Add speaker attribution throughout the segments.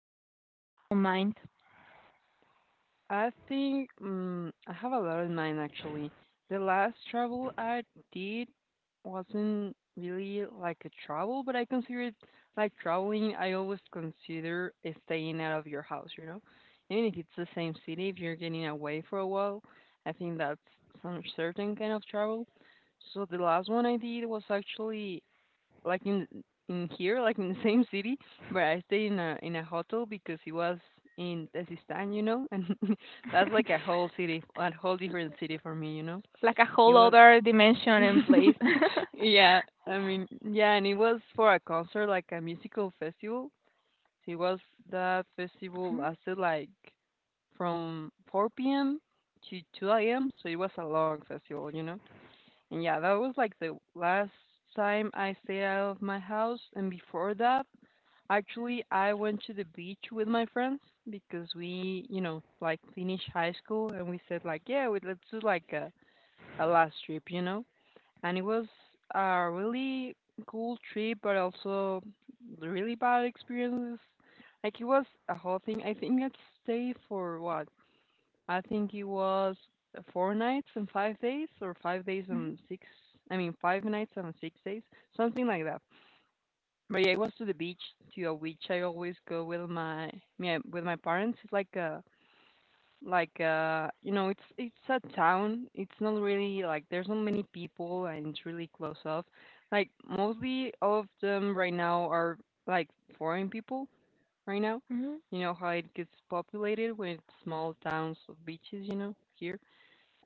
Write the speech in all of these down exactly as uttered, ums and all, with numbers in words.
Speaker 1: that you have right now in mind?
Speaker 2: I think mm I have a lot in mind actually. The last travel I did wasn't really like a travel, but I consider it like traveling. I always consider is staying out of your house, you know? Even if it's the same city, if you're getting away for a while, I think that's some certain kind of travel. So the last one I did was actually like in in here, like in the same city, but I stayed in a in a hotel because it was in Tezistan, you know, and that's like a whole city, a whole different city for me, you know.
Speaker 1: Like a
Speaker 2: It
Speaker 1: whole
Speaker 2: was,
Speaker 1: other dimension and place.
Speaker 2: yeah, I mean, yeah, and it was for a concert, like a musical festival. It was That festival
Speaker 1: Mhm,
Speaker 2: lasted like from four p m to two a m. So it was a long festival, you know. And yeah, that was like the last time I stayed out of my house. And before that, actually, I went to the beach with my friends because we, you know, like finished high school and we said like, yeah, we, let's do like a, a last trip, you know? And it was a really cool trip, but also really bad experiences. Like it was a whole thing. I think I'd stay for what? I think it was four nights and five days, or five days
Speaker 1: mhm,
Speaker 2: and six. I mean, five nights and six days, something like that. But yeah, it was to the beach, to a beach I always go with my yeah, with my parents. It's like a like uh you know it's it's a town, it's not really like there's not many people and it's really close off, like mostly all of them right now are like foreign people right now.
Speaker 1: mhm.
Speaker 2: You know how it gets populated with small towns of beaches, you know, here.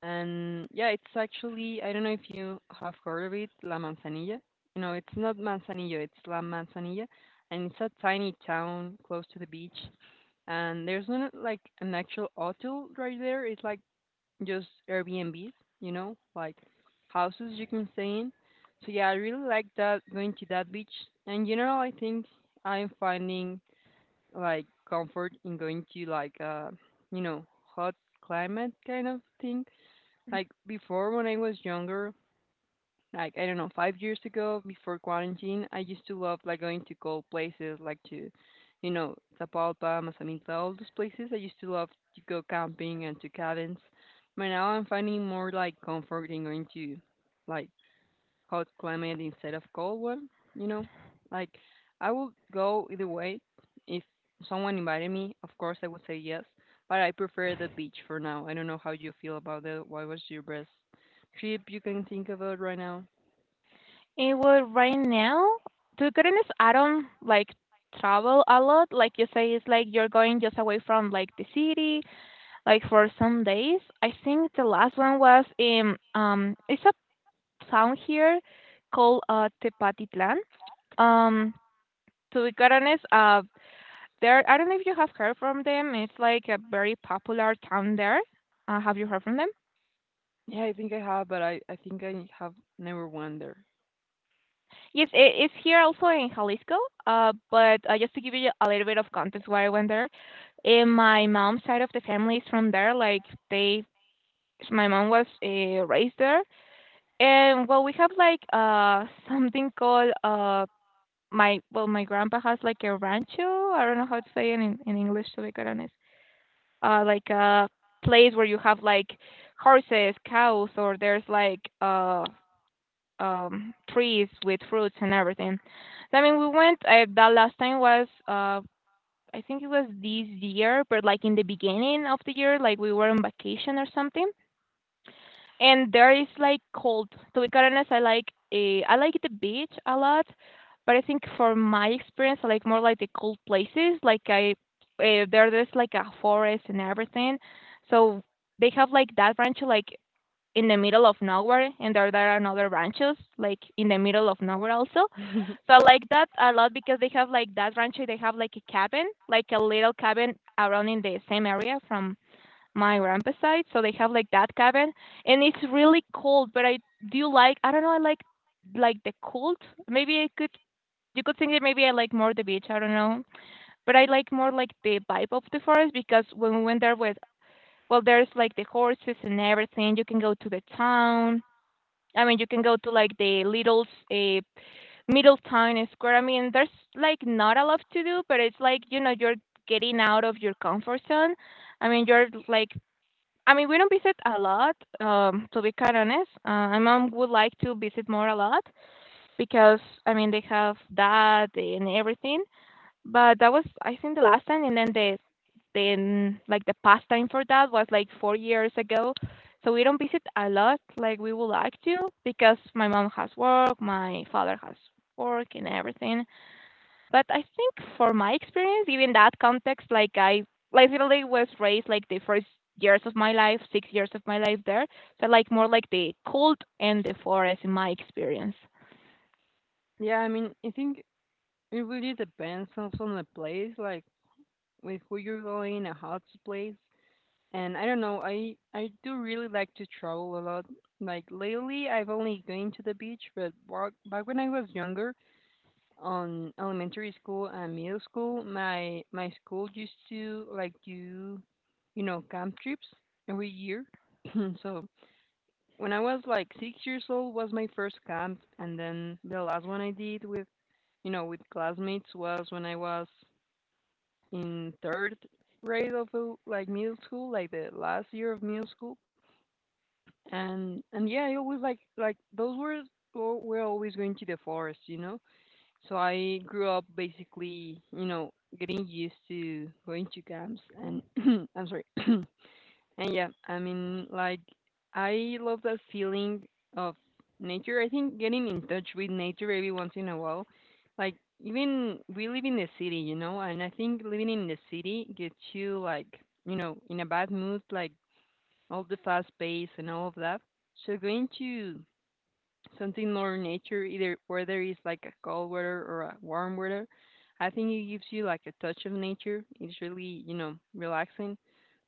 Speaker 2: And yeah, it's actually, I don't know if you have heard of it, La Manzanilla. You know, it's not Manzanillo, it's La Manzanilla. And it's a tiny town close to the beach. And there's not like an actual hotel right there. It's like just Airbnbs, you know, like houses you can stay in. So yeah, I really like that going to that beach. And in general, I think I'm finding like comfort in going to like uh you know, hot climate kind of thing. Like before, when I was younger, like, I don't know, five years ago before quarantine, I used to love like going to cold places, like to, you know, Zapalpa, Mazamitla, all those places. I used to love to go camping and to cabins. But now I'm finding more like comfort in going to like hot climate instead of cold one, you know? Like, I would go either way. If someone invited me, of course I would say yes, but I prefer the beach for now. I don't know how you feel about it. What was your best trip you can think about right now?
Speaker 1: Eh, well, right now, to be honest, I don't like travel a lot. Like you say, it's like you're going just away from like the city, like for some days. I think the last one was in um, It's a town here called uh, Tepatitlan. Um, to be quite honest, uh, there I don't know if you have heard from them. It's like a very popular town there. Uh, have you heard from them?
Speaker 2: Yeah, I think I have, but I, I think I have never went there.
Speaker 1: Yes, it, it's here also in Jalisco. Uh, but uh, just to give you a little bit of context why I went there, in my mom's side of the family is from there. Like they, my mom was uh, raised there, and well, we have like uh something called uh My well, my grandpa has like a rancho. I don't know how to say it in, in English to be quite honest. Uh, like a place where you have like horses, cows, or there's like uh um trees with fruits and everything. So I mean, we went. Uh, that last time was uh I think it was this year, but like in the beginning of the year, like we were on vacation or something. And there is like cold. To be quite honest, I like eh, I like the beach a lot, but I think for my experience, I like more like the cold places. Like I uh, there there's like a forest and everything, so they have like that branch like in the middle of nowhere, and there there are another branches like in the middle of nowhere also. So I like that a lot because they have like that rancho. They have like a cabin, like a little cabin around in the same area from my grandpa's side, so they have like that cabin, and it's really cold. But I do like I don't know I like like the cold. Maybe I could you could think that maybe I like more the beach. I don't know, but I like more like the vibe of the forest because when we went there with well, there's like the horses and everything. You can go to the town. I mean, you can go to like the little uh, middle town square. I mean, there's like not a lot to do, but it's like you know you're getting out of your comfort zone. I mean, you're like I mean, we don't visit a lot, um, to be quite honest. Uh, my mom would like to visit more a lot because, I mean, they have that and everything. But that was, I think, the last time. And then the, then like the past time for that was like four years ago. So we don't visit a lot like we would like to because my mom has work, my father has work and everything. But I think for my experience, even that context, like I literally was raised like the first years of my life, six years of my life there. So like more like the cold and the forest in my experience.
Speaker 2: Yeah, I mean, I think it really depends also on the place, like with who you're going and how's the place. And I don't know, I I do really like to travel a lot. Like lately, I've only gone to the beach, but back back when I was younger, on elementary school and middle school, my my school used to like do, you know, camp trips every year. So when I was like six years old was my first camp, and then the last one I did with, you know, with classmates was when I was in third grade of uh, like middle school, like the last year of middle school. And and yeah, I always like like those were were were always going to the forest, you know. So I grew up basically, you know, getting used to going to camps, and I'm sorry, and yeah, I mean, like, I love that feeling of nature. I think getting in touch with nature every once in a while, like, even we live in the city, you know, and I think living in the city gets you like, you know, in a bad mood, like all the fast pace and all of that. So going to something more nature, either whether it's like a cold weather or a warm weather, I think it gives you like a touch of nature. It's really, you know, relaxing.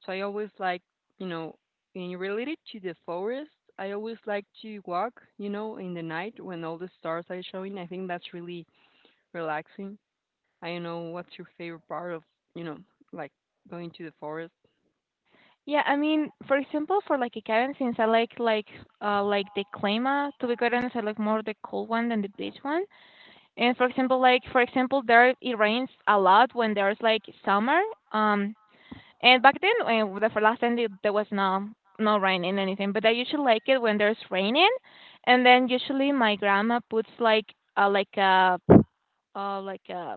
Speaker 2: So I always like, you know, in related to the forest, I always like to walk, you know, in the night when all the stars are showing. I think that's really relaxing. I don't know what's your favorite part of, you know, like, going to the forest.
Speaker 1: Yeah, I mean, for example, for like a cabin, since I like like uh like the climate, to be quite honest, I like more the cold one than the beach one. And for example, like for example, there it rains a lot when there's like summer. Um, And back then, when the for last time the- there was no no rain and anything, but I usually like it when there's raining, and then usually my grandma puts like uh, like a uh, like a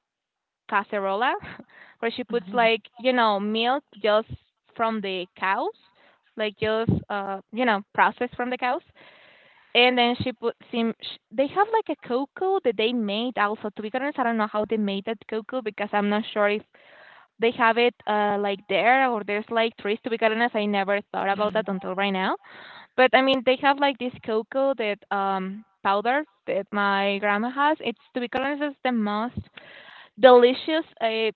Speaker 1: cacerola, where she puts like you know milk just from the cows, like just uh you know processed from the cows, and then she put sim. Sh- they have like a cocoa that they made also. To be honest, I don't know how they made that cocoa because I'm not sure if they have it uh, like there or there's like trees to be gotten as I never thought about that until right now. But I mean they have like this cocoa that um powder that my grandma has, it's to be honest it's the most delicious uh,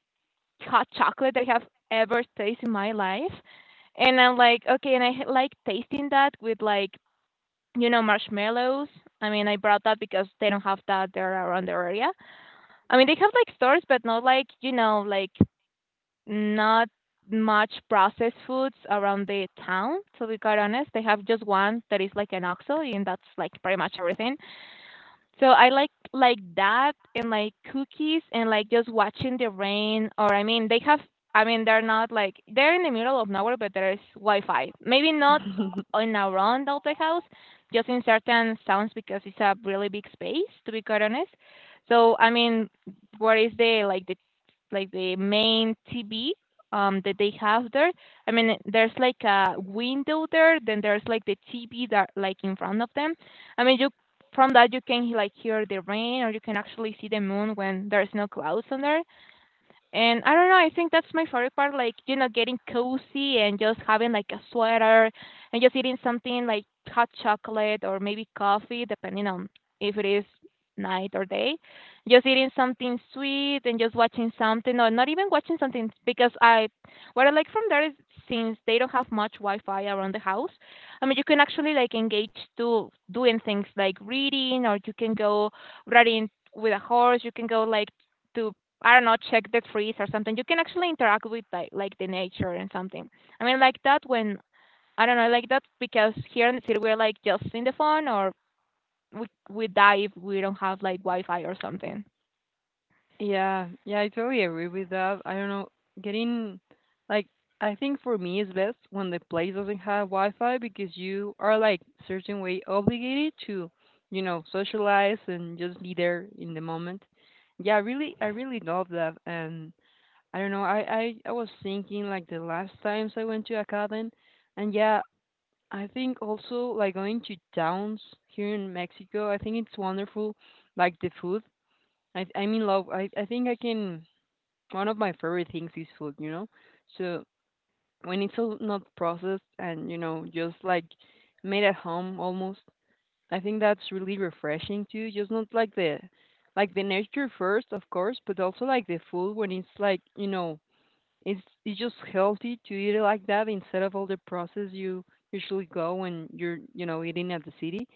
Speaker 1: hot chocolate I have ever tasted in my life. And I'm like okay and i h- like tasting that with like you know marshmallows. I mean I brought that because they don't have that there around the area. I mean they have like stores but not like you know like not much processed foods around the town, to be quite honest. They have just one that is like an OXXO, and that's like pretty much everything. So I like like that and like cookies and like just watching the rain. Or I mean they have I mean they're not like they're in the middle of nowhere but there is Wi-Fi. Maybe not in around all the house, just in certain sounds because it's a really big space to be quite honest. So I mean what is the like the like the main T V um that they have there? I mean there's like a window there, then there's like the T V that like in front of them. I mean, you from that you can like hear the rain or you can actually see the moon when there's no clouds on there. And I don't know, I think that's my favorite part, like, you know, getting cozy and just having like a sweater and just eating something like hot chocolate or maybe coffee, depending on if it is night or day. Just eating something sweet and just watching something, or not even watching something because I, what I like from there is since they don't have much Wi-Fi around the house, I mean, you can actually like engage to doing things like reading, or you can go riding with a horse, you can go like to I don't know, check the trees or something. You can actually interact with like like the nature and something. I mean, like that when I don't know, I like that because here in the city we're like just in the phone or we we die if we don't have like Wi-Fi or something.
Speaker 2: Yeah, yeah, I totally agree with that. I don't know, getting like, I think for me it's best when the place doesn't have Wi-Fi because you are like certain way obligated to, you know, socialize and just be there in the moment. Yeah, I really, I really love that. And I don't know, I, I, I was thinking like the last times I went to a cabin, and yeah, I think also like going to towns here in Mexico, I think it's wonderful, like the food. I I'm in love. I I think I can one of my favorite things is food, you know. So when it's all not processed and, you know, just like made at home almost, I think that's really refreshing too. Just not like the like the nature first, of course, but also like the food when it's like, you know, it's it's just healthy to eat it like that instead of all the process you usually go when you're, you know, eating at the city.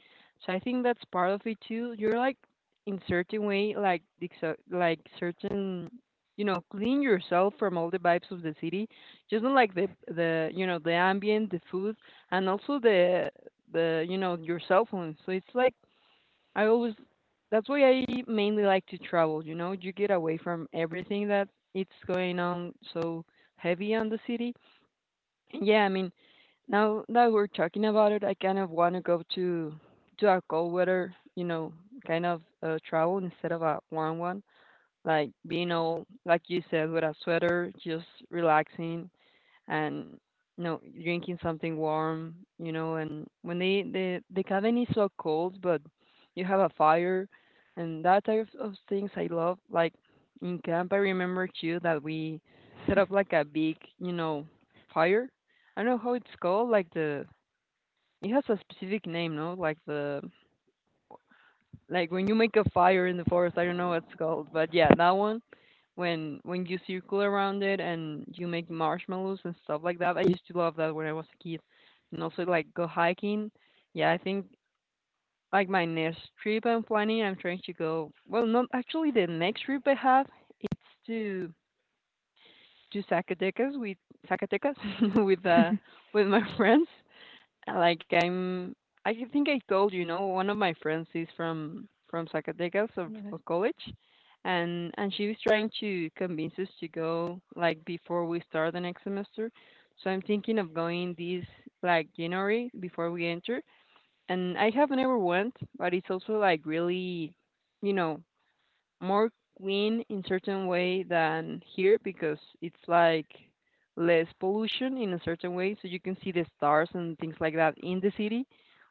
Speaker 2: So I think that's part of it too. You're like, in certain way, like exo- like certain, you know, clean yourself from all the vibes of the city. Just not like the the you know, the ambient, the food and also the the you know, your cell phone. So it's like I always that's why I mainly like to travel, you know, you get away from everything that it's going on so heavy on the city. And yeah, I mean, now that we're talking about it, I kind of want to go to to a cold weather, you know, kind of uh, travel instead of a warm one. Like being all like you said with a sweater, just relaxing, and, you know, drinking something warm, you know, and when they the the cabin is so cold but you have a fire, and that type of things I love, like, in camp I remember too that we set up like a big, you know, fire. I don't know how it's called, like, the, it has a specific name. No, like, the, like, when you make a fire in the forest, I don't know what's called, but yeah, that one, when when you circle around it and you make marshmallows and stuff like that, I used to love that when I was a kid. And also like go hiking. Yeah, I think like my next trip i'm planning I'm trying to go, well, not actually the next trip I have, it's to to Zacatecas with Zacatecas with uh with my friends. Like, I'm I think I told you, know, one of my friends is from from Zacatecas of, of college, and and she was trying to convince us to go like before we start the next semester. So I'm thinking of going this like January before we enter. And I have never went, but it's also like really, you know, more clean in certain way than here because it's like less pollution in a certain way, so you can see the stars and things like that in the city,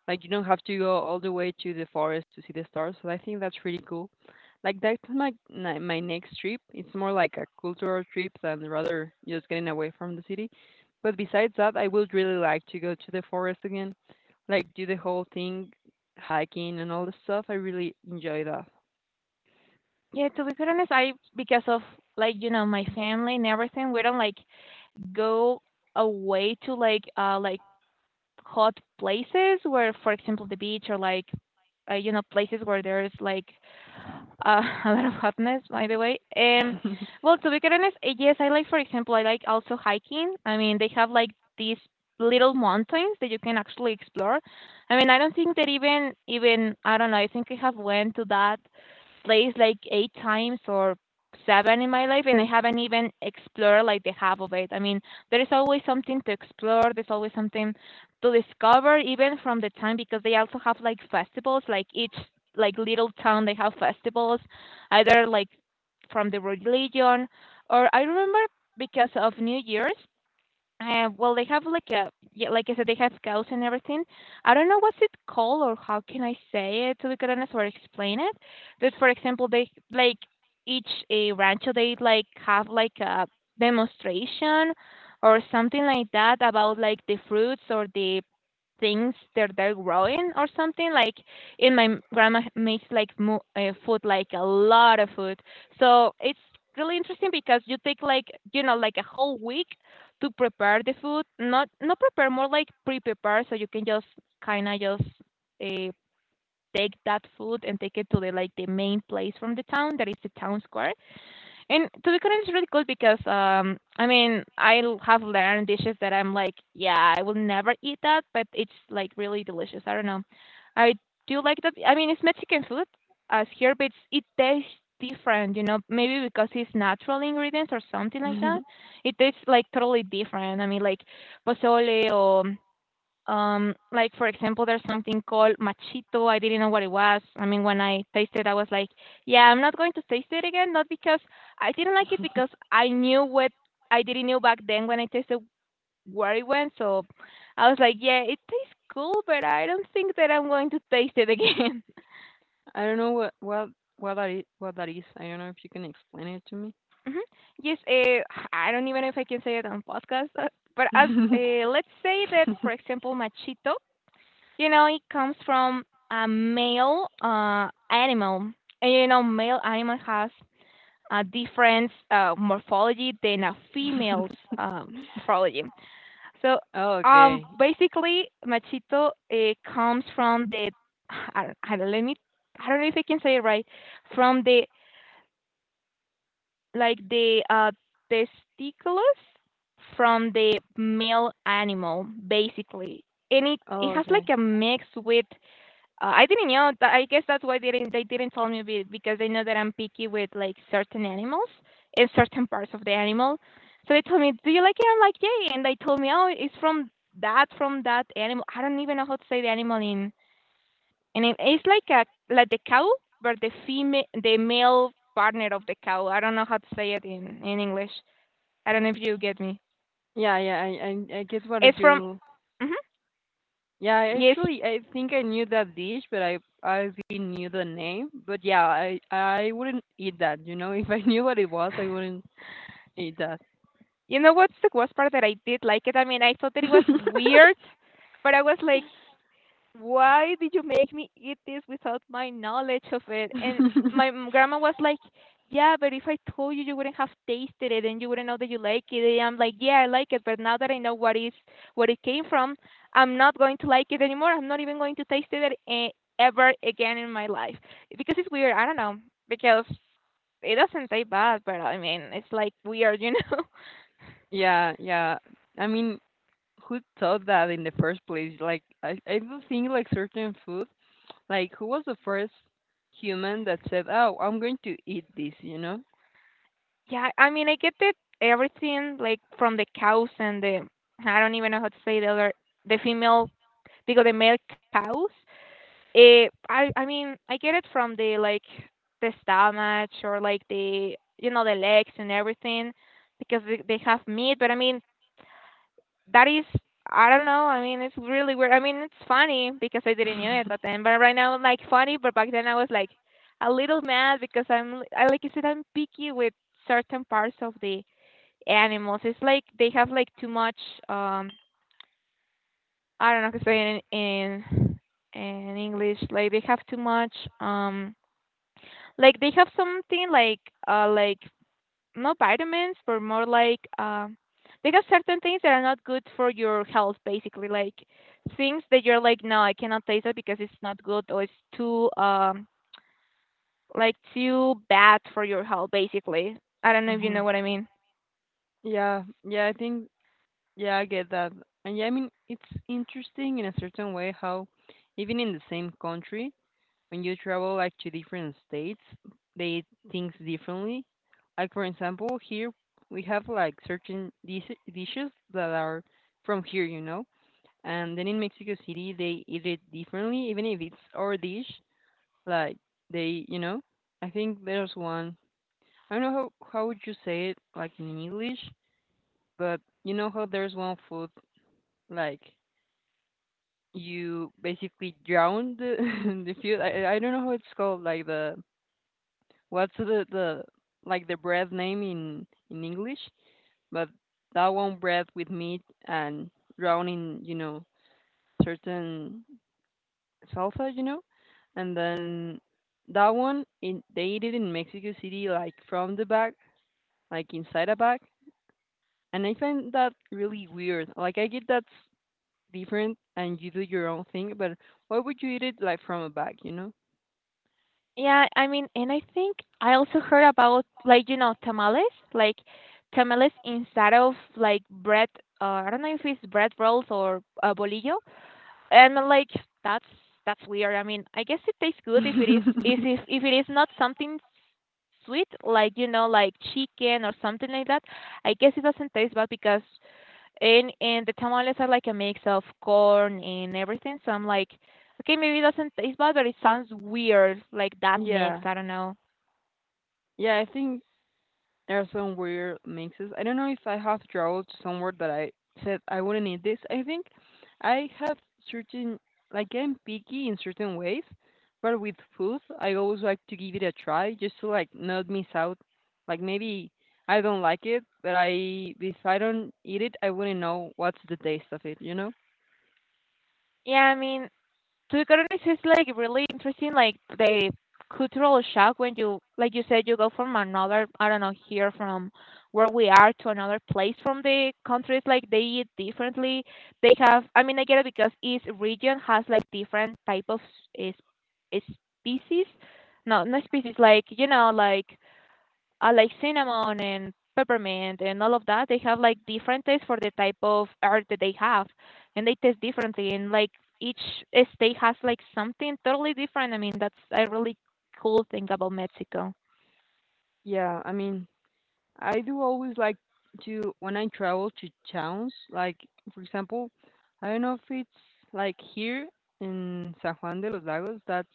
Speaker 2: like you don't have to go all the way to the forest to see the stars, so I think that's really cool. Like, that's my my my next trip. It's more like a cultural trip than rather just getting away from the city. But besides that, I would really like to go to the forest again, like do the whole thing, hiking and all the stuff. I really enjoy that.
Speaker 1: Yeah, to be quite honest, I because of like you know my family and everything, we don't like go away to like uh like hot places where, for example, the beach or like uh, you know places where there's like Uh, a lot of hotness, by the way. Um, well, to be quite honest, eh, yes, I like, for example, I like also hiking. I mean, they have like these little mountains that you can actually explore. I mean, I don't think that even, even I don't know. I think I have went to that place like eight times or seven in my life, and I haven't even explored like the half of it. I mean, there is always something to explore. There's always something to discover, even from the time because they also have like festivals, like each like little town they have festivals either like from the religion or I remember because of new year's uh, well they have like a yeah, like I said they have cows and everything. I don't know what's it called or how can I say it to be honest or explain it. But for example they like each uh, rancho they like have like a demonstration or something like that about like the fruits or the things that they're growing or something. Like and my grandma makes like mo- uh, food, like a lot of food. So it's really interesting because you take like you know like a whole week to prepare the food. Not not prepare, more like pre-prepare, so you can just kind of just uh, take that food and take it to the like the main place from the town that is the town square. And to be honest, it's really cool because um, I mean, I l- have learned dishes that I'm like, yeah, I will never eat that, but it's like really delicious. I don't know. I do like that. I mean, it's Mexican food as here, but it's, it tastes different, you know, maybe because it's natural ingredients or something like that. It tastes like totally different. I mean, like pozole or um, like for example, there's something called machito. I didn't know what it was. I mean, when I tasted, I was like, "Yeah, I'm not going to taste it again." Not because I didn't like it, because I knew what I didn't know back then when I tasted where it went. So I was like, "Yeah, it tastes cool, but I don't think that I'm going to taste it again."
Speaker 2: I don't know what what what that is, what that is. I don't know if you can explain it to me.
Speaker 1: hmm Yes, uh, I don't even know if I can say it on podcast, uh, but as uh, eh, let's say that, for example, machito. You know, it comes from a male uh, animal. And you know, male animal has a different uh, morphology than a female's uh, morphology. So,
Speaker 2: Oh,
Speaker 1: um,
Speaker 2: okay.
Speaker 1: basically, machito uh, comes from the I don't, I don't let me I don't know if I can say it right from the like the uh, testiculus from the male animal, basically, and it it
Speaker 2: Oh,
Speaker 1: has like
Speaker 2: okay.
Speaker 1: a mix with uh, I didn't know. tha- I guess that's why they didn't they didn't tell me be- because they know that I'm picky with like certain animals and certain parts of the animal. So they told me, "Do you like it?" I'm like, "Yay!" And they told me, "Oh, it's from that from that animal." I don't even know how to say the animal in. And it, it's like a like the cow, but the female the male partner of the cow. I don't know how to say it in in English. I don't know if you get me.
Speaker 2: Yeah, yeah. I, I I get
Speaker 1: It's
Speaker 2: what
Speaker 1: from.
Speaker 2: you.
Speaker 1: Hmm
Speaker 2: Yeah, I
Speaker 1: yes.
Speaker 2: actually, I think I knew that dish, but I I didn't knew the name. But yeah, I I wouldn't eat that. You know, if I knew what it was, I wouldn't eat that.
Speaker 1: You know what's the worst part that I did like it? I mean, I thought that it was weird, but I was like, why did you make me eat this without my knowledge of it? And my m- grandma was like, yeah, but if I told you, you wouldn't have tasted it and you wouldn't know that you like it. And I'm like, yeah, I like it, but now that I know what is what it came from, I'm not going to like it anymore. I'm not even going to taste it e- ever again in my life because it's weird. I don't know because it doesn't taste bad, but I mean, it's like weird, you know?
Speaker 2: Yeah, yeah. I mean, who thought that in the first place? Like, I I do think like certain food. Like, who was the first human that said, "Oh, I'm going to eat this," you know?
Speaker 1: Yeah, I mean, I get it. Everything like from the cows and the I don't even know how to say the other the female because the male cows. Eh, I I mean, I get it from the like the stomach or like the you know the legs and everything because they, they have meat. But I mean, that is I don't know. I mean, it's really weird. I mean, it's funny because I didn't know it at then. But right now, like funny. But back then, I was like a little mad because I'm I like you said I'm picky with certain parts of the animals. It's like they have like too much um I don't know how to say it in in, in English. Like they have too much um like they have something like uh like not vitamins but more like um they have certain things that are not good for your health basically like things that you're like no I cannot taste it because it's not good or it's too um like too bad for your health basically. I don't know if you
Speaker 2: hmm
Speaker 1: know what I mean.
Speaker 2: Yeah, yeah, I think, yeah, I get that. And yeah, I mean, it's interesting in a certain way how, even in the same country, when you travel like to different states, they eat things differently. Like, for example, here we have like certain dish- dishes that are from here, you know? And then in Mexico City, they eat it differently, even if it's our dish. Like they, you know, I think there's one. I don't know how how would you say it like in English, but you know how there's one food like you basically drown the the food. I I I don't know how it's called. Like the what's the the like the bread name in in English, but that one bread with meat and drowning, you know, certain salsa, you know, and then that one in, they eat it in Mexico City, like from the back, like inside a bag. And I find that really weird. Like I get that's different and you do your own thing, but why would you eat it like from a bag, you know?
Speaker 1: Yeah, I mean, and I think I also heard about like you know tamales, like tamales instead of like bread. Uh, I don't know if it's bread rolls or uh, bolillo, and like that's that's weird. I mean, I guess it tastes good if it is if if if it is not something sweet, like you know, like chicken or something like that. I guess it doesn't taste bad because and and the tamales are like a mix of corn and everything, so I'm like, "Okay, maybe it doesn't taste bad, but it sounds weird, like that mix."
Speaker 2: yeah.
Speaker 1: I don't know.
Speaker 2: Yeah, I think there are some weird mixes. I don't know if I have traveled to somewhere that I said I wouldn't eat this. I think I have certain, like I'm picky in certain ways, but with food, I always like to give it a try just to like not miss out. Like maybe I don't like it, but I if I don't eat it, I wouldn't know what's the taste of it, you know?
Speaker 1: Yeah, I mean, to be honest, it's like really interesting, like the cultural shock when you, like you said, you go from another, I don't know, here from where we are to another place from the countries, like they eat differently. They have, I mean, I get it because each region has like different type of s- is, is species. No, not species, like, you know, like uh, like cinnamon and peppermint and all of that. They have like different tastes for the type of art that they have, and they taste differently. And like each state has like something totally different. I mean, that's a really cool thing about Mexico.
Speaker 2: Yeah, I mean, I do always like to when I travel to towns, like for example, I don't know if it's like here in San Juan de los Lagos, that's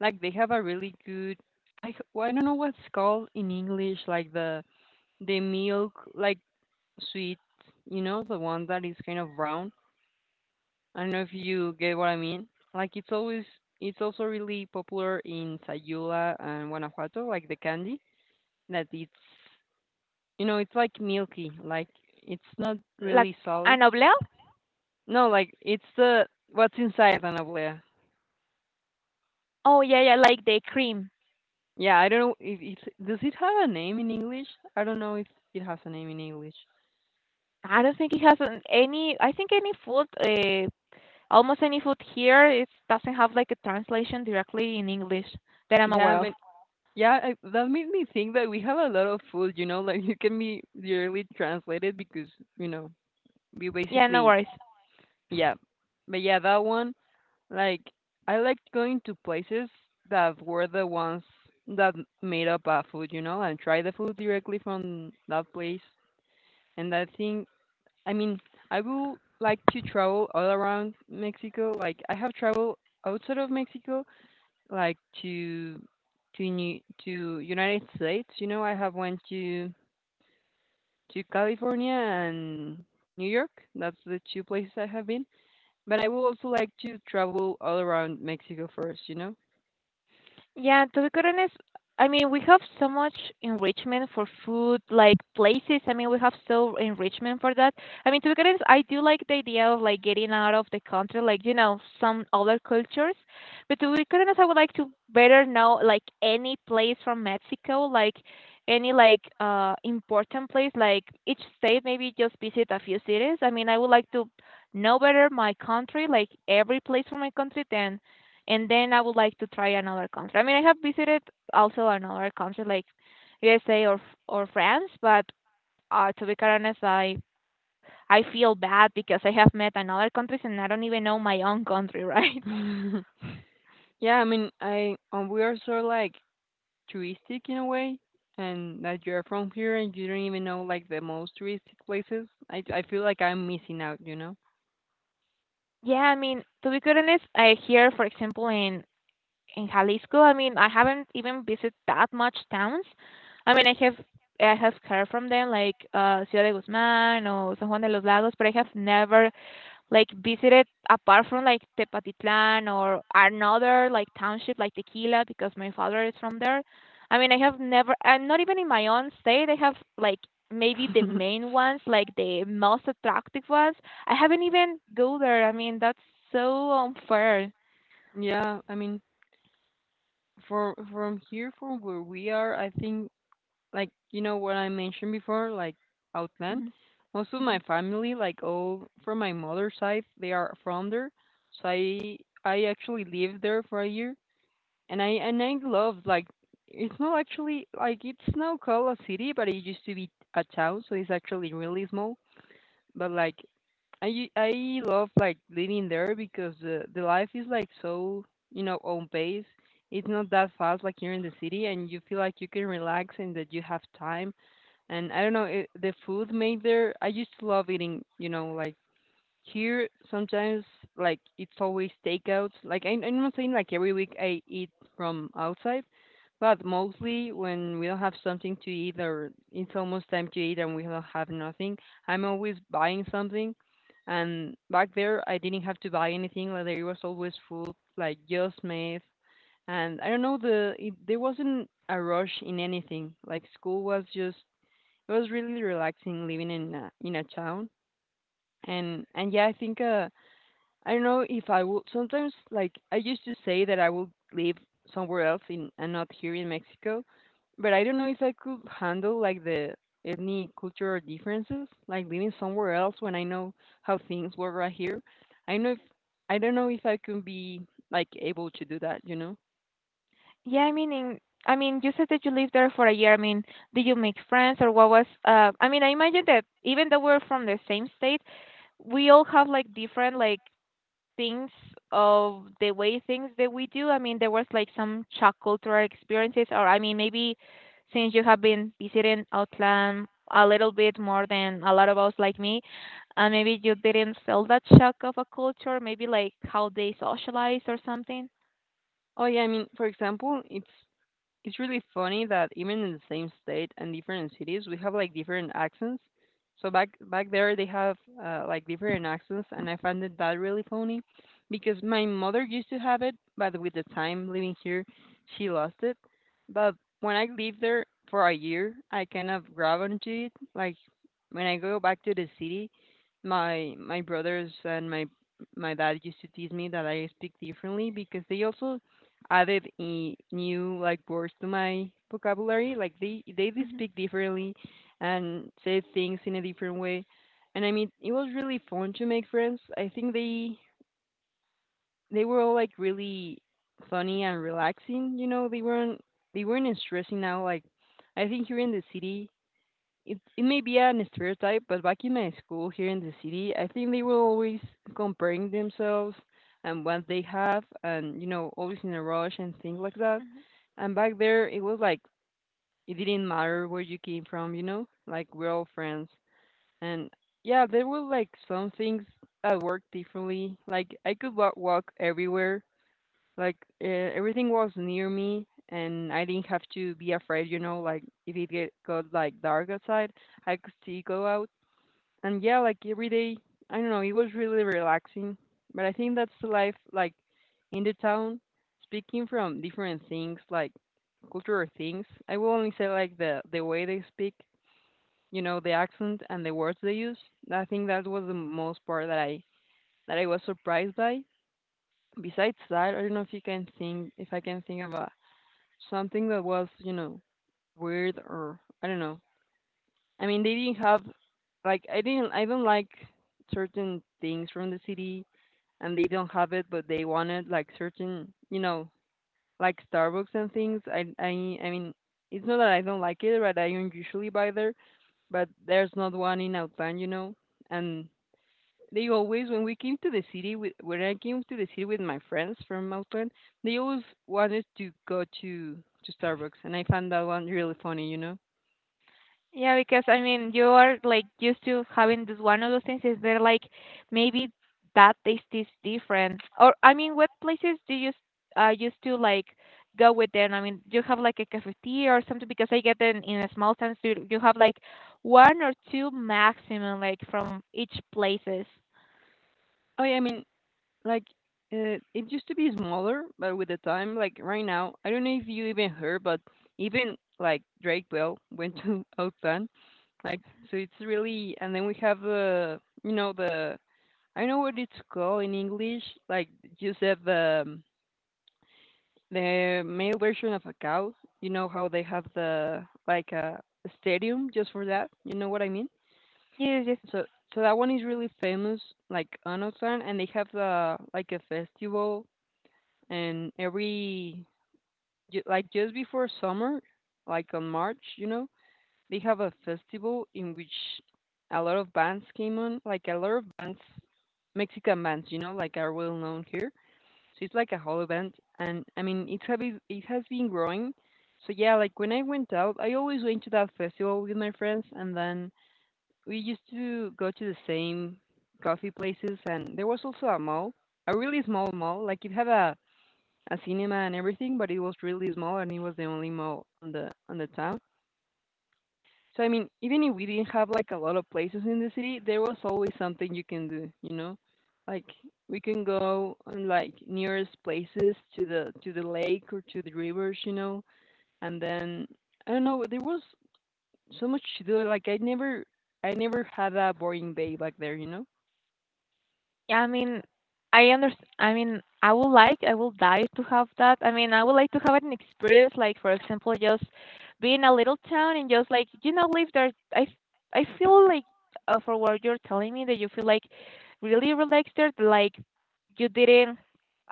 Speaker 2: like they have a really good I h- well, I don't know what's called in English, like the the milk like sweet, you know, the one that is kind of brown. I don't know if you get what I mean. Like it's always it's also really popular in Sayula and Guanajuato, like the candy that it's you know, it's like milky, like it's not
Speaker 1: Like
Speaker 2: really solid.
Speaker 1: an oblea?
Speaker 2: No, like it's the what's inside an oblea.
Speaker 1: Oh yeah, yeah, like the cream.
Speaker 2: Yeah, I don't know if it's does it have a name in English? I don't know if it has a name in English.
Speaker 1: I don't think it has an- any. I think any food, uh, almost any food here, it doesn't have like a translation directly in English that I'm
Speaker 2: Yeah, I
Speaker 1: aware
Speaker 2: mean,
Speaker 1: of.
Speaker 2: yeah, I, that made me think that we have a lot of food. You know, like it can be literally translated because you know we
Speaker 1: Yeah, no
Speaker 2: basically
Speaker 1: worries.
Speaker 2: yeah, but yeah, that one. Like I liked going to places that were the ones that made up a food, you know, and try the food directly from that place. And I think, I mean, I will like to travel all around Mexico. Like I have traveled outside of Mexico, like to to New, to United States. You know, I have went to to California and New York. That's the two places I have been. But I would also like to travel all around Mexico first, you know?
Speaker 1: Yeah, to be quite honest, I mean, we have so much enrichment for food, like places. I mean, we have so enrichment for that. I mean, to be quite honest, I do like the idea of like getting out of the country, like, you know, some other cultures. But to be quite honest, I would like to better know like any place from Mexico, like any like uh important place, like each state, maybe just visit a few cities. I mean, I would like to know better my country, like every place from my country, then and then I would like to try another country. I mean, I have visited also another country like U S A or or France, but uh, to be quite honest, I I feel bad because I have met another countries and I don't even know my own country, right?
Speaker 2: Yeah, I mean, I um, we are sort of like touristic in a way, and that you're from here and you don't even know like the most touristic places. I I feel like I'm missing out, you know?
Speaker 1: Yeah, I mean, to be quite honest, I here, for example, in in Jalisco, I mean, I haven't even visited that much towns. I mean, I have I have heard from them like uh, Ciudad de Guzmán or San Juan de los Lagos, but I have never like visited apart from like Tepatitlan or another like township like Tequila because my father is from there. I mean, I have never, and not even in my own state, I have like maybe the main ones, like the most attractive ones. I haven't even go there. I mean, that's so unfair.
Speaker 2: Yeah, I mean, for from here, from where we are, I think like you know what I mentioned before, like Outland.
Speaker 1: Mhm.
Speaker 2: Most of
Speaker 1: Yeah,
Speaker 2: my family, like all from my mother's side, they are from there. So I I actually lived there for a year, and I and I love like it's not actually like it's now called a city, but it used to be a town, so it's actually really small. But like I u- I love like living there because the the life is like so you know on pace. It's not that fast like here in the city, and you feel like you can relax and that you have time. And I don't know it, the food made there. I used to love eating, you know, like here, sometimes, like, it's always takeout. Like, I, I'm not saying like every week I eat from outside, but mostly when we don't have something to eat or it's almost time to eat and we don't have nothing, I'm always buying something. And back there, I didn't have to buy anything. Like, there was always food, like, just made. And I don't know, the it, there wasn't a rush in anything. Like, school was just, it was really relaxing living in a, in a town. and and yeah, I think uh I don't know if I will sometimes like I used to say that I would live somewhere else in and not here in Mexico, but I don't know if I could handle like the any cultural differences, like living somewhere else when I know how things were right here. I know if I don't know if I could be like able to do that, you know.
Speaker 1: yeah, I mean, in, I mean, you said that you lived there for a year. I mean, did you make friends or what was? Uh, I mean, I imagine that even though we're from the same state, we all have like different like things of the way things that we do? I mean, there was like some shock cultural experiences, or I mean, maybe since you have been visiting Outland a little bit more than a lot of us like me, and maybe you didn't feel that shock of a culture, maybe like how they socialize or something.
Speaker 2: Oh yeah, I mean, for example, it's It's really funny that even in the same state and different cities, we have like different accents. So back back there, they have uh, like different accents, and I find it that really funny because my mother used to have it, but with the time living here, she lost it. But when I lived there for a year, I kind of grab onto it. Like when I go back to the city, my my brothers and my my dad used to tease me that I speak differently because they also added in new like words to my vocabulary. Like they they do
Speaker 1: Hmm
Speaker 2: speak differently and say things in a different way. And I mean, it was really fun to make friends. I think they they were all like really funny and relaxing. You know, they weren't they weren't stressing out. Like I think here in the city, it, it may be a stereotype, but back in my school here in the city, I think they were always comparing themselves and what they have, and you know, always in a rush and things like that. And back there, it was like it didn't matter where you came from, you know, like we're all friends. And yeah, there were like some things that worked differently. Like I could wa- walk everywhere like uh, everything was near me, and I didn't have to be afraid. You know, like if it get, got like dark outside, I could still go out. And yeah, like every day, I don't know, it was really relaxing. But I think that's the life, like in the town. Speaking from different things, like cultural things, I will only say like the the way they speak. You know, the accent and the words they use. I think that was the most part that I that I was surprised by. Besides that, I don't know if you can think if I can think of a something that was, you know, weird or I don't know. I mean, they didn't have like I didn't I don't like certain things from the city and they don't have it, but they wanted like certain, you know, like Starbucks and things. I I I mean, it's not that I don't like it, but I usually buy there, but there's not one in Outland, you know. And they always, when we came to the city, with, when I came to the city with my friends from Outland, they always wanted to go to to Starbucks, and I found that one really funny, you know.
Speaker 1: Yeah, because I mean, you are like used to having this one of those things. Is there like maybe that taste is different? Or I mean, what places do you s- uh used to like go with them? I mean, do you have like a cafeteria or something? Because I get them in a small sense. Do you you have like one or two maximum like from each places?
Speaker 2: Oh yeah, I mean, like uh, it used to be smaller, but with the time, like right now, I don't know if you even heard, but even like Drake Bell went to Outland, like so it's really, and then we have the, you know, the I know what it's called in English, like you said the um, the male version of a cow, you know how they have the like a stadium just for that? You know what I mean?
Speaker 1: Yes, yes.
Speaker 2: So so that one is really famous, like Onosan, and they have the like a festival, and every ju- like just before summer, like on March, you know, they have a festival in which a lot of bands came on, like a lot of bands, Mexican bands, you know, like are well known here, so it's like a hollow band, and I mean it have been- it has been growing. So yeah, like when I went out, I always went to that festival with my friends, and then we used to go to the same coffee places, and there was also a mall, a really small mall. Like it had a a cinema and everything, but it was really small, and it was the only mall on the on the town. So I mean, even if we didn't have like a lot of places in the city, there was always something you can do, you know? Like we can go on like nearest places to the to the lake or to the rivers, you know? And then I don't know, there was so much to do. Like I never I never had a boring day back there, you know?
Speaker 1: Yeah, I mean, I understand. I mean, I would like, I would like to have that. I mean, I would like to have an experience, like for example, just be in a little town and just like you know, live there. I, I feel like uh, for what you're telling me that you feel like really relaxed there. Like you didn't.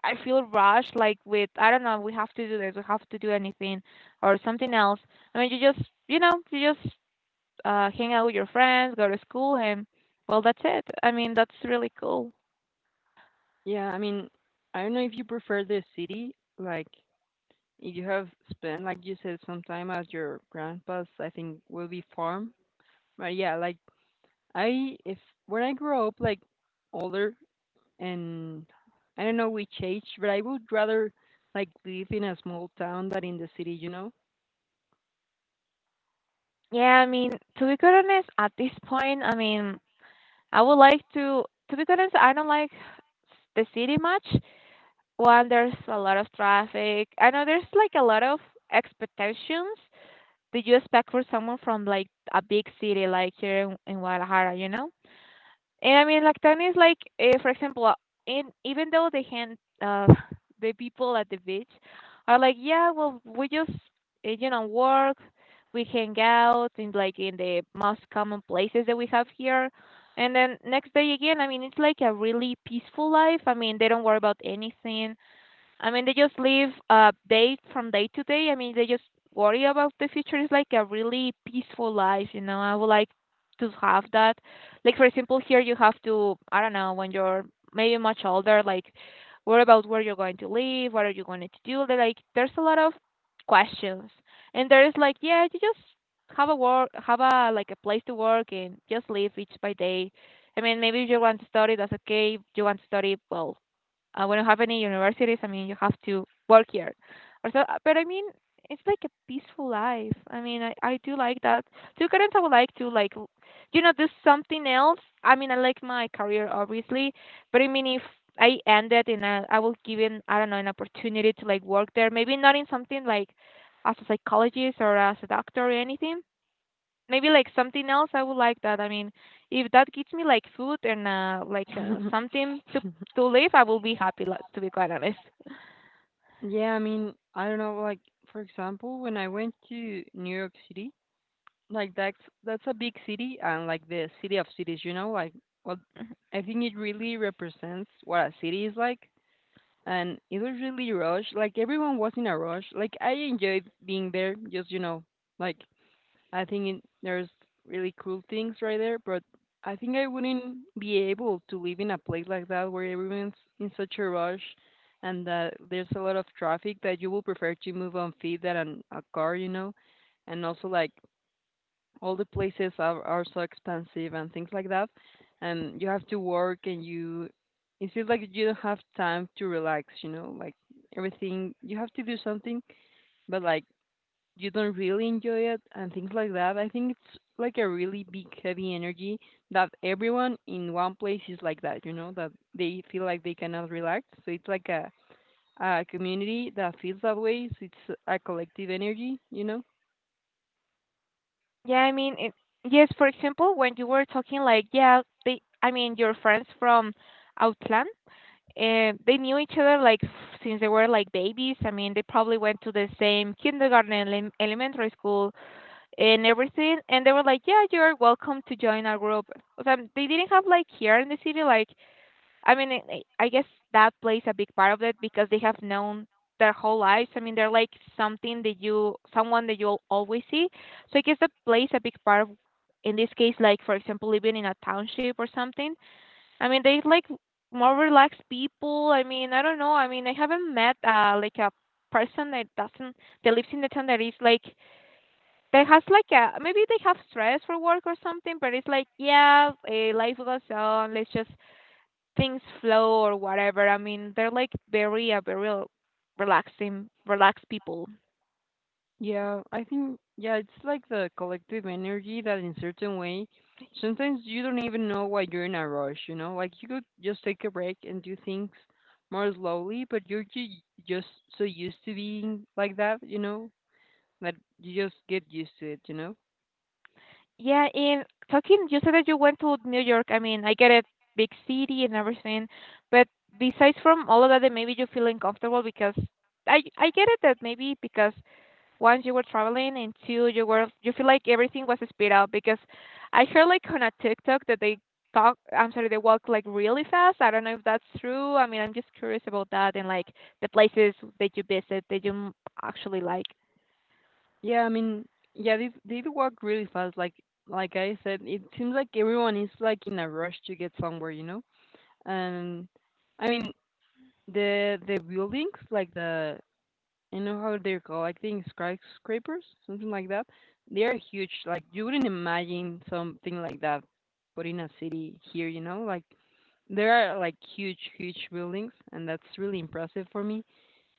Speaker 1: I feel rushed, like with I don't know. We have to do this. We have to do anything or something else. I mean, you just you know, you just uh, hang out with your friends, go to school, and well, that's it. I mean, that's really cool.
Speaker 2: Yeah, I mean, I don't know if you prefer the city, like if you have spent like you said some time at your grandpa's, I think will be farm. But yeah, like I if when I grow up like older and I don't know which age, but I would rather like live in a small town than in the city, you know?
Speaker 1: Yeah, I mean, to be quite honest, at this point, I mean, I would like to, to be quite honest, I don't like the city much. One, there's a lot of traffic. I know there's like a lot of expectations that you expect for someone from like a big city like here in, in Guadalajara, you know? And I mean, Lactani is like, uh, for example, uh, in even though the hand, uh, the people at the beach are like, yeah, well, we just, uh, you know, work, we hang out in like in the most common places that we have here, and then next day again, I mean, it's like a really peaceful life. I mean, they don't worry about anything. I mean, they just live uh, day from day to day. I mean, they just worry about the future. It's like a really peaceful life, you know. I would like to have that. Like, for example, here you have to, I don't know, when you're maybe much older, like, worry about where you're going to live, what are you going to do. They're like, there's a lot of questions. And there is like, yeah, you just have a work, have a, like, a place to work and just live each by day. I mean, maybe if you want to study, that's okay. If you want to study, well, uh, we don't have any universities. I mean, you have to work here. Or so, uh, but I mean, it's like a peaceful life. I mean, I, I do like that. Two current, I would like to like, l- you know, do something else. I mean, I like my career obviously, but I mean, if I ended and I, I will given I don't know an opportunity to like work there, maybe not in something like as a psychologist or as a doctor or anything, maybe like something else I would like that. I mean, if that gives me like food and uh, like uh, something to to live, I will be happy li- to be quite honest.
Speaker 2: Yeah, I mean, I don't know, like for example, when I went to New York City, like that's that's a big city and like the city of cities, you know, like well I think it really represents what a city is like, and it was really rush. Like everyone was in a rush. Like I enjoyed being there, just you know, like I think it, there's really cool things right there, but I think I wouldn't be able to live in a place like that where everyone's in such a rush, and that there's a lot of traffic that you will prefer to move on feet than on a car, you know? And also, like, all the places are, are so expensive and things like that. And you have to work, and you, it feels like you don't have time to relax, you know? Like, everything, you have to do something, but like, you don't really enjoy it and things like that. I think it's like a really big heavy energy that everyone in one place is like that, you know, that they feel like they cannot relax. So it's like a a community that feels that way. So it's a collective energy, you know.
Speaker 1: Yeah, I mean, it, yes, for example, when you were talking like yeah, they I mean, your friends from Outland, and they knew each other like since they were like babies. I mean, they probably went to the same kindergarten and elem- elementary school and everything and they were like, "Yeah, you're welcome to join our group." So they didn't have like here in the city like I mean, it, it- I guess that plays a big part of it because they have known their whole lives. I mean, they're like something that you, someone that you'll always see. So I guess that plays a big part of, in this case, like for example, living in a township or something. I mean, they like more relaxed people. I mean, I don't know. I mean, I haven't met uh like a person that doesn't that lives in the town that is like that has like a maybe they have stress for work or something, but it's like yeah, eh, life goes on. Let's just things flow or whatever. I mean, they're like very uh, very rel- relaxing, relaxed people.
Speaker 2: Yeah, I think yeah, it's like the collective energy that in certain way sometimes you don't even know why you're in a rush, you know? Like you could just take a break and do things more slowly, but you're ju- just so used to being like that, you know? But you just get used to it, you know?
Speaker 1: Yeah, and talking, you said that you went to New York. I mean, I get it, big city and everything, but besides from all of that, that maybe you feel uncomfortable because I I get it that maybe because once you were traveling and two you were you feel like everything was sped up because I heard like on a TikTok that they talk I'm sorry, they walk like really fast. I don't know if that's true. I mean I'm just curious about that and like the places that you visit that you m- actually like.
Speaker 2: Yeah, I mean, yeah, they they do walk really fast. Like like I said, it seems like everyone is like in a rush to get somewhere, you know? And I mean, the the buildings, like the you know how they're called, like think skyscrapers, something like that. They are huge. Like you wouldn't imagine something like that, but in a city here, you know, like there are like huge, huge buildings, and that's really impressive for me.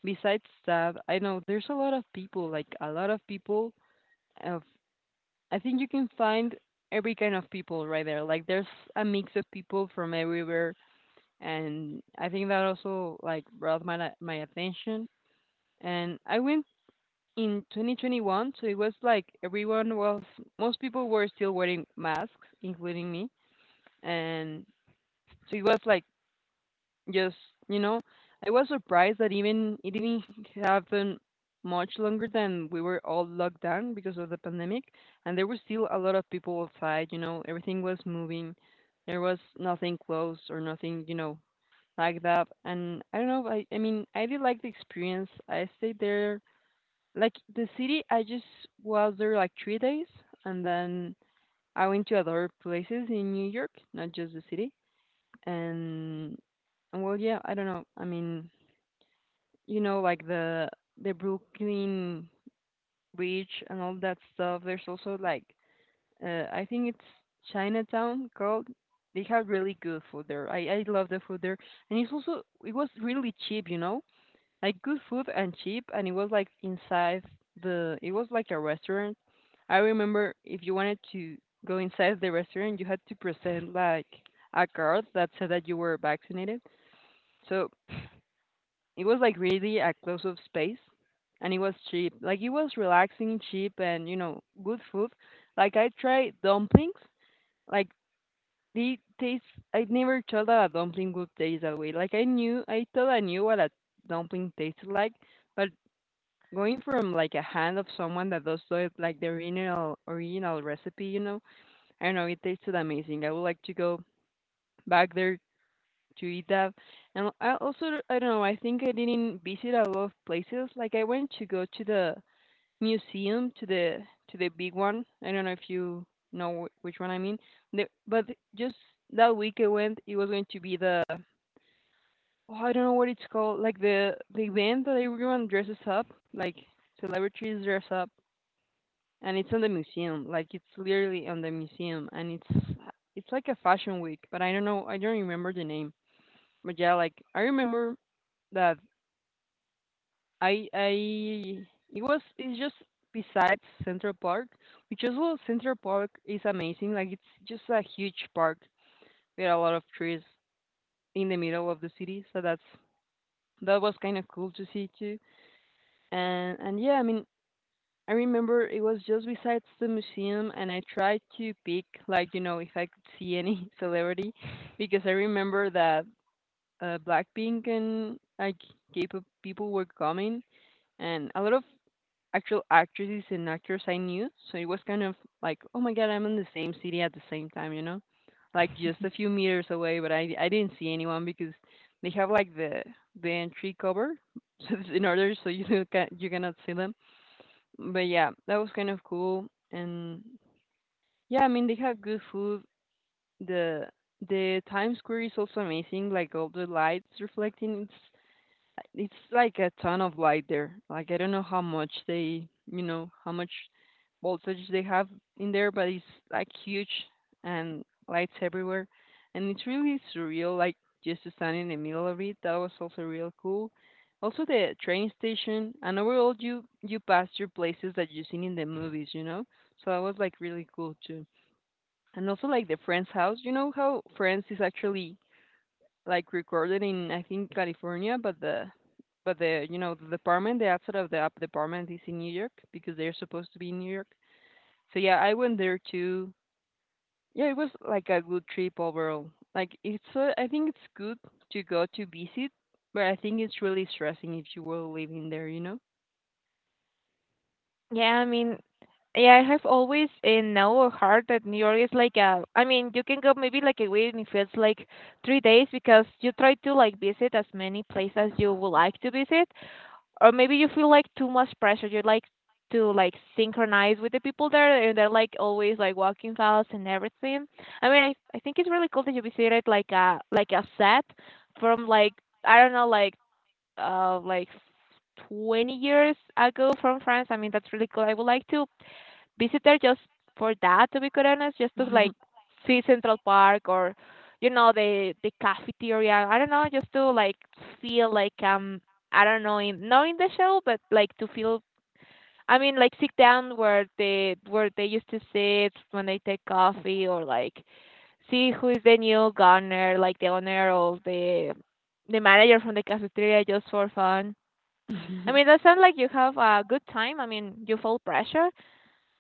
Speaker 2: Besides that, I know there's a lot of people, like a lot of people of I think you can find every kind of people right there. Like there's a mix of people from everywhere, and I think that also like brought my la- my attention. And I went in twenty twenty-one, so it was like everyone was most people were still wearing masks, including me. And so it was like Yes, you know, I was surprised that even it didn't happen much longer than we were all locked down because of the pandemic, and there were still a lot of people outside, you know, everything was moving. There was nothing closed or nothing, you know, like that. And I don't know, I I mean, I did like the experience. I stayed there like the city, I just was there like three days, and then I went to other places in New York, not just the city. And and well, yeah, I don't know. I mean, you know, like the the Brooklyn Bridge and all that stuff. There's also like uh, I think it's Chinatown called. They have really good food there. I I love the food there, and it's also it was really cheap, you know, like good food and cheap, and it was like inside the it was like a restaurant. I remember if you wanted to go inside the restaurant, you had to present like a card that said that you were vaccinated. So it was like really a close off space, and it was cheap. Like it was relaxing, cheap, and you know, good food. Like I tried dumplings. Like they taste I never thought that a dumpling would taste that way. Like I knew I thought I knew what a dumpling tasted like, but going from like a hand of someone that does do it like the original original recipe, you know, I don't know, it tasted amazing. I would like to go back there to eat that. And I also I don't know. I think I didn't visit a lot of places. Like I went to go to the museum to the to the big one. I don't know if you know wh- which one I mean. The, but just that week I went. It was going to be the oh I don't know what it's called. Like the the event that everyone dresses up. Like celebrities dress up. And it's on the museum, like it's literally on the museum, and it's it's like a fashion week, but I don't know, I don't remember the name. But yeah, like I remember that I I it was it's just besides Central Park, which as well Central Park is amazing. Like it's just a huge park with a lot of trees in the middle of the city, so that's that was kind of cool to see too. And and yeah, I mean I remember it was just besides the museum, and I tried to pick like you know if I could see any celebrity, because I remember that uh, Blackpink and like K-pop people were coming, and a lot of actual actresses and actors I knew. So it was kind of like, oh my god, I'm in the same city at the same time, you know, like just a few meters away. But I I didn't see anyone because they have like the the entry cover so it's in order so you can you cannot see them. But yeah, that was kind of cool. And yeah, I mean they have good food. The the Times Square is also amazing, like all the lights reflecting. It's like a ton of light there. Like I don't know how much they, you know, how much voltage they have in there, but it's like huge and lights everywhere. And it's really surreal, like just to stand in the middle of it. That was also real cool. Also the train station, and overall you you pass through places that you've seen in the movies, you know? So that was like really cool too. And also like the friend's house. You know how Friends is actually like recorded in I think California, but the but the you know the department, the outset of the app department is in New York because they're supposed to be in New York. So yeah, I went there too. Yeah, it was like a good trip overall. Like it's uh, I think it's good to go to visit, but I think it's really stressing if you were living there, you
Speaker 1: Yeah, I mean, yeah, I have always in now or heart that New York is like a. I mean, you can go maybe like a week and it feels like three days because you try to like visit as many places as you would like to visit, or maybe you feel like too much pressure. You like to like synchronize with the people there, and they're like always like walking fast and everything. I mean, I I think it's really cool that you visited like a like a set from like I don't know like uh, like twenty years ago from France. I mean, that's really cool. I would like to visit there just for that, to be quite honest, just to like
Speaker 2: know.
Speaker 1: see Central Park or, you know, the the cafeteria. I don't know, just to like feel like um, I don't know, in, not in the show, but like to feel. I mean, like sit down where they where they used to sit when they take coffee, or like see who is the new gunner, like the owner of the the manager from the cafeteria, just for fun. I mean, that sounds like you have a good time. I mean, you feel pressure.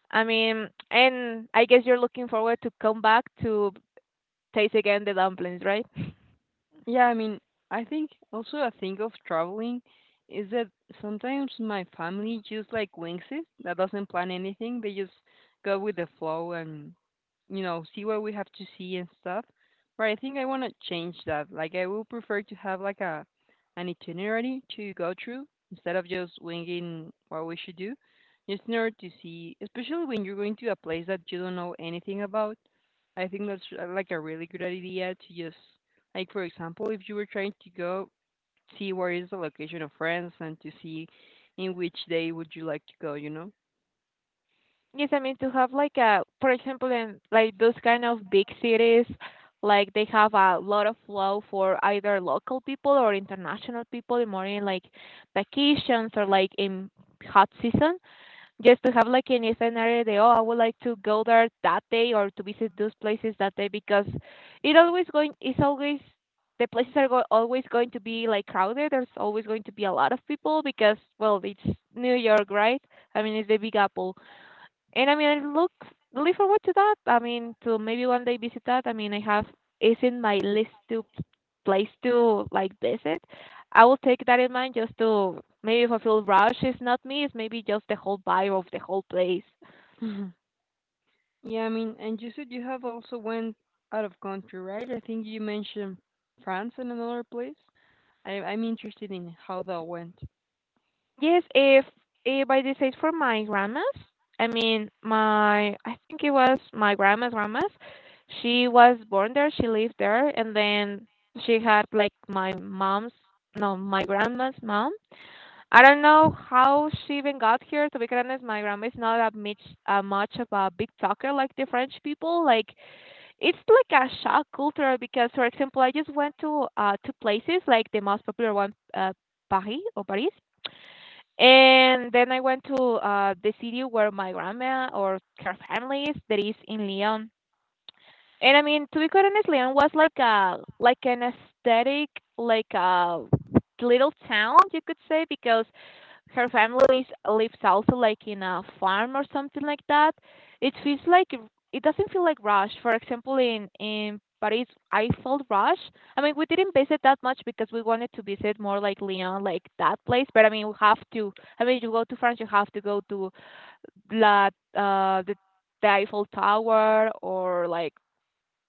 Speaker 1: I mean, and I guess you're looking forward to come back to taste again the dumplings, right?
Speaker 2: Yeah, I mean, I think also a thing of traveling is that sometimes my family just like wings it. That doesn't plan anything. They just go with the flow and, you know, see what we have to see and stuff. But I think I want to change that. Like I will prefer to have like a an itinerary to go through instead of just winging what we should do. Just in order to see, especially when you're going to a place that you don't know anything about. I think that's uh, like a really good idea to just like for example, if you were trying to go see where is the location of France and to see in which day would you like to go, you know?
Speaker 1: Yes, I mean to have like a, for example, in like those kind of big cities, like they have a lot of flow for either local people or international people, more in like vacations or like in hot seasons. Just to have like an scenario that oh I would like to go there that day or to visit those places that day because it always going it's always the places are go- always going to be like crowded. There's always going to be a lot of people because well it's New York, right? I mean it's the Big Apple. And I mean, I look really forward to that. I mean, to maybe one day visit that. I mean, I have it's in my list to p- place to like visit. I will take that in mind just to maybe if I feel rush, it's not me. It's maybe just the whole vibe of the whole place.
Speaker 2: Mhm. Yeah, I mean, and you said you have also went out of country, right? I think you mentioned France and another place. I I'm interested in how that went.
Speaker 1: Yes, if if I decide for my grandma's, I mean, my I think it was my grandma's grandma's. She was born there. She lived there, and then she had like my mom's no, my grandma's mom I don't know how she even got here. To be honest, my grandma is not that much, uh, much of a big talker like the French people. Like it's like a shock culture because, for example, I just went to uh two places, like the most popular one, uh, Paris or Paris, and then I went to uh the city where my grandma or her family is, that is in Lyon. And I mean, to be quite honest, Lyon was like a like an aesthetic, like a little town, you could say, because her family lives also like in a farm or something like that. It feels like it doesn't feel like rush. For example, in in Paris, I felt rush. I mean, we didn't visit that much because we wanted to visit more like Lyon, like that place. But I mean, we have to. I mean, you go to France, you have to go to la uh the, the Eiffel Tower or like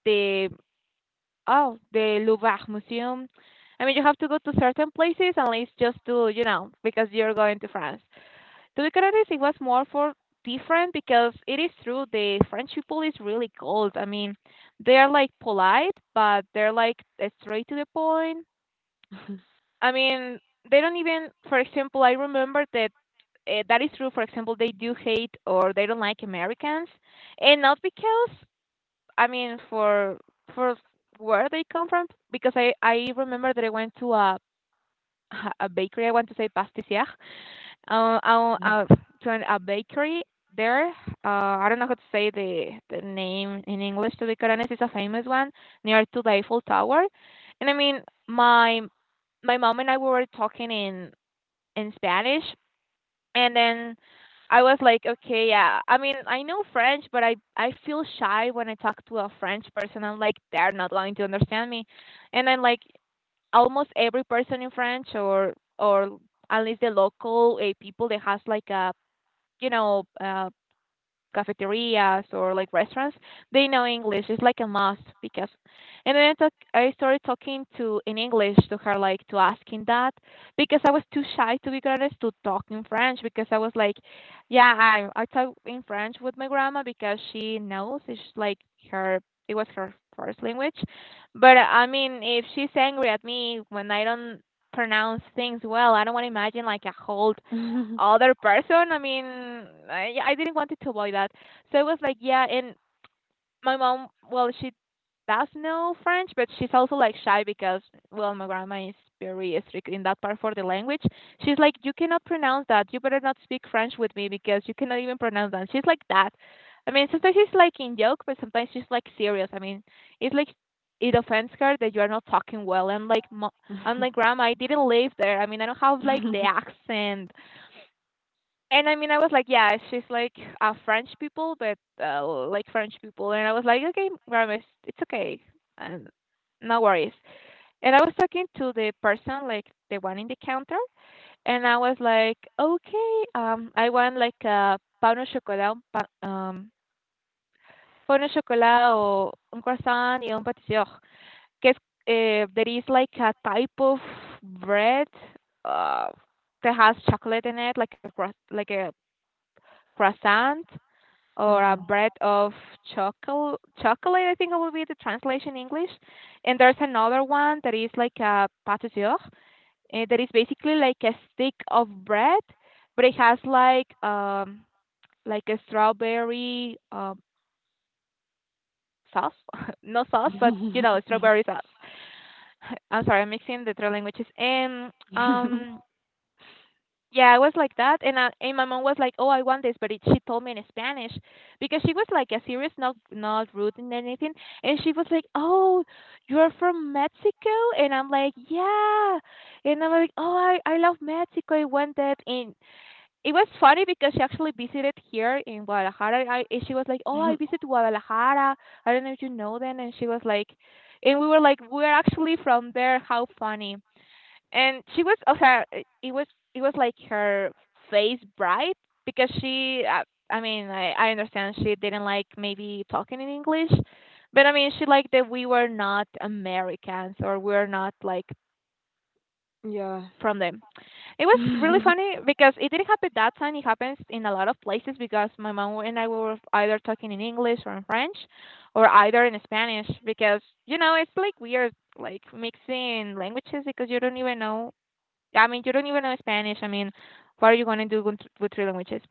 Speaker 1: the oh the Louvre Museum. I mean, you have to go to certain places unless just to, you know, because you're going to France. To be honest, it was more for different because it is true the French people is really cold. I mean, they are like polite, but they're like straight to the point. I mean, they don't even, for example, I remember that uh, that is true. For example, they do hate or they don't like Americans, and not because I mean for for where they come from. Because I I remember that I went to a a bakery. I want to say pastisier, uh, uh, uh, to an, a bakery there. Uh, I don't know how to say the, the name in English, to be quite honest. It's a famous one near to the Eiffel Tower. And I mean, my my mom and I we were talking in in Spanish, and then I was like, okay, yeah. I mean, I know French, but I I feel shy when I talk to a French person. I'm like, they're not going to understand me, and then like almost every person in French or or at least the local uh, people that has like a you know uh, cafeterias or like restaurants, they know English. It's like a must because. And then I talk, I started talking to in English to her, like to asking that because I was too shy to be honest to talk in French because I was like, yeah, I I talk in French with my grandma because she knows it's like her it was her first language. But I mean, if she's angry at me when I don't pronounce things well, I don't want to imagine like a whole other person. I mean, I, yeah, I didn't want to avoid that. So it was like, yeah, and my mom, well, she does know French, but she's also like shy because, well, my grandma is very strict in that part for the language. She's like, you cannot pronounce that. You better not speak French with me because you cannot even pronounce that. She's like that. I mean, sometimes she's like in joke, but sometimes she's like serious. I mean, it's like it offends her that you are not talking well. I'm like, "Mo- I'm like, grandma, I didn't live there. I mean, I don't have like the accent. And I mean, I was like, yeah, she's like uh, French people, but uh, like French people. And I was like, okay, grandma, it's it's okay, and no worries. And I was talking to the person, like the one in the counter, and I was like, okay, um, I want like a pan au chocolat, un pan, um, pan au chocolat o un croissant y un pâtissier. Que es, eh, there is like a type of bread uh, that has chocolate in it, like a croiss- like a croissant or a
Speaker 2: Mhm.
Speaker 1: bread of chocolate chocolate I think it will be the translation in English. And there's another one that is like a pâte d'or, eh, that is basically like a stick of bread, but it has like um like a strawberry um sauce. No sauce, but you
Speaker 2: Mhm.
Speaker 1: know, strawberry sauce. I'm sorry, I'm mixing the three languages, and um. Yeah, I was like that, and I, and my mom was like, "Oh, I want this," but it, she told me in Spanish because she was like a serious, not not rude and anything, and she was like, "Oh, you're from Mexico," and I'm like, "Yeah," and I'm like, "Oh, I I love Mexico. I want that," and it was funny because she actually visited here in Guadalajara. I and she was like, "Oh, I visit Guadalajara. I don't know if you know then," and she was like, and we were like, "We're actually from there. How funny." And she was of her it was it was like her face bright because she uh, I mean, I, I understand she didn't like maybe talking in English, but I mean, she liked that we were not Americans or we are not like
Speaker 2: Yeah.
Speaker 1: from them. It was really funny
Speaker 2: Yeah,
Speaker 1: because it didn't happen that time, it happens in a lot of places because my mom and I were either talking in English or in French or either in Spanish, because you know, it's like weird like mixing languages because you don't even know. I mean, you don't even know Spanish. I mean, what are you going to do with, with three languages?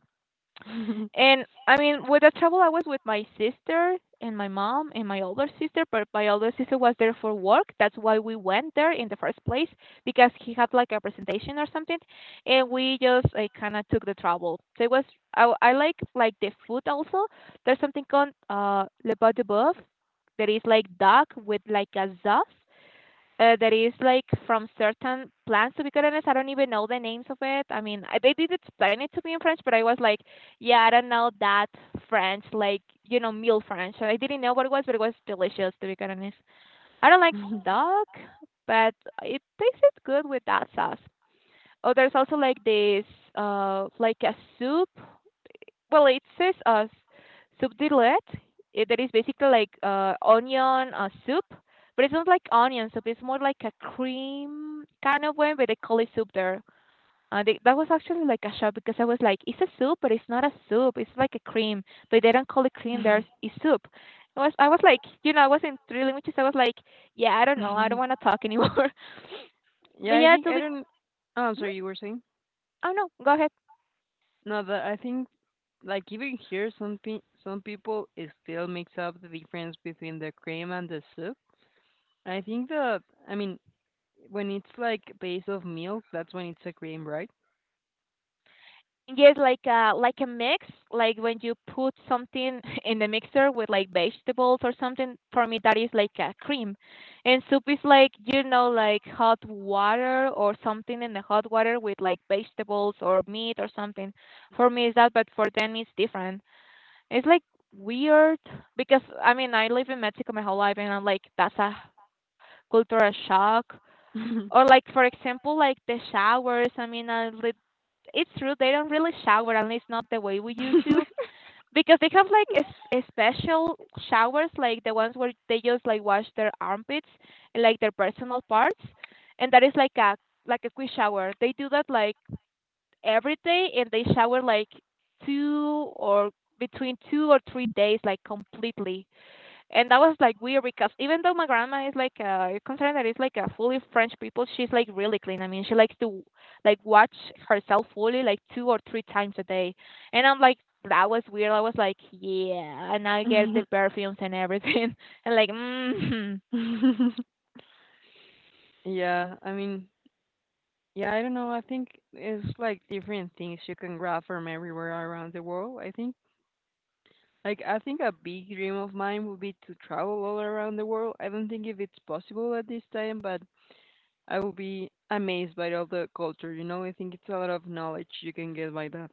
Speaker 1: And I mean, with the travel, I was with my sister and my mom and my older sister, but my older sister was there for work. That's why we went there in the first place because he had like a presentation or something, and we just like kind of took the travel. So it was, I, I like like the food also. There's something called uh le pot de bœuf that is like duck with like a sauce, uh, that is like from certain plants. To be quite honest, I don't even know the names of it. I mean, I- they did explain it to me in French, but I was like, yeah, I don't know that French, like you know, meal French. So I didn't know what it was, but it was delicious. To be quite honest, I don't like duck, but it tasted good with that sauce. Oh, there's also like this, uh, like a soup, well, it says uh, subtitled. It, that is basically like uh, onion uh, soup, but it's not like onion soup. It's more like a cream kind of one, but they call it soup there. Uh, they, that was actually like a shock because I was like, it's a soup, but it's not a soup. It's like a cream, but they don't call it cream. There's It's soup. I was I was like, you know, I was in three languages. I was like, yeah, I don't know. I don't want to talk anymore. But
Speaker 2: I
Speaker 1: yeah,
Speaker 2: think
Speaker 1: so
Speaker 2: I
Speaker 1: we.
Speaker 2: don't. Oh, I'm
Speaker 1: Mhm.
Speaker 2: sorry, you were saying?
Speaker 1: Oh no, go ahead.
Speaker 2: No, but I think like even here, some pe some people it still makes up the difference between the cream and the soup. I think that I mean when it's like base of milk, that's when it's a cream, right?
Speaker 1: Yes, like a like a mix, like when you put something in the mixer with like vegetables or something. For me, that is like a cream, and soup is like you know, like hot water or something in the hot water with like vegetables or meat or something. For me, is that, but for them, it's different. It's like weird because I mean, I live in Mexico my whole life, and I'm like, that's a cultural shock. Or like for example, like the showers. I mean, uh, lit- it's true they don't really shower, at least not the way we used to, because they have like a, s- a special showers, like the ones where they just like wash their armpits and like their personal parts, and that is like a like a quick shower. They do that like every day, and they shower like two or between two or three days, like completely. And that was like weird because even though my grandma is like uh concerned that it's like a fully French people, she's like really clean. I mean, she likes to like watch herself fully like two or three times a day, and I'm like, that was weird. I was like, yeah, and I get the perfumes and everything, and like mm
Speaker 2: Yeah, I mean, yeah, I don't know. I think it's like different things you can grab from everywhere around the world. I think, like, I think a big dream of mine would be to travel all around the world. I don't think if it's possible at this time, but I will be amazed by all the culture, you know? I think it's a lot of knowledge you can get by that.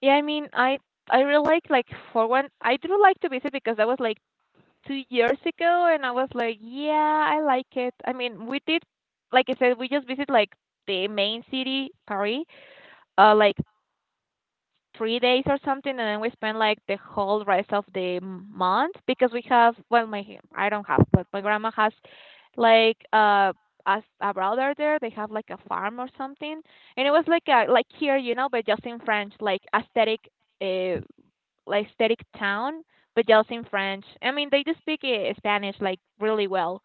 Speaker 1: yeah. I mean, I I really like like for one, I do like to visit because that was like two years ago, and I was like, yeah, I like it. I mean, we did like I said, we just visit like the main city, Paris, uh, like three days or something, and then we spend like the whole rest of the month because we have, well, my, I don't have, but my grandma has like uh as a brother there. They have like a farm or something, and it was like a like here, you know, but just in French, like aesthetic, uh like aesthetic town, but just in French. I mean, they do speak uh, Spanish like really well,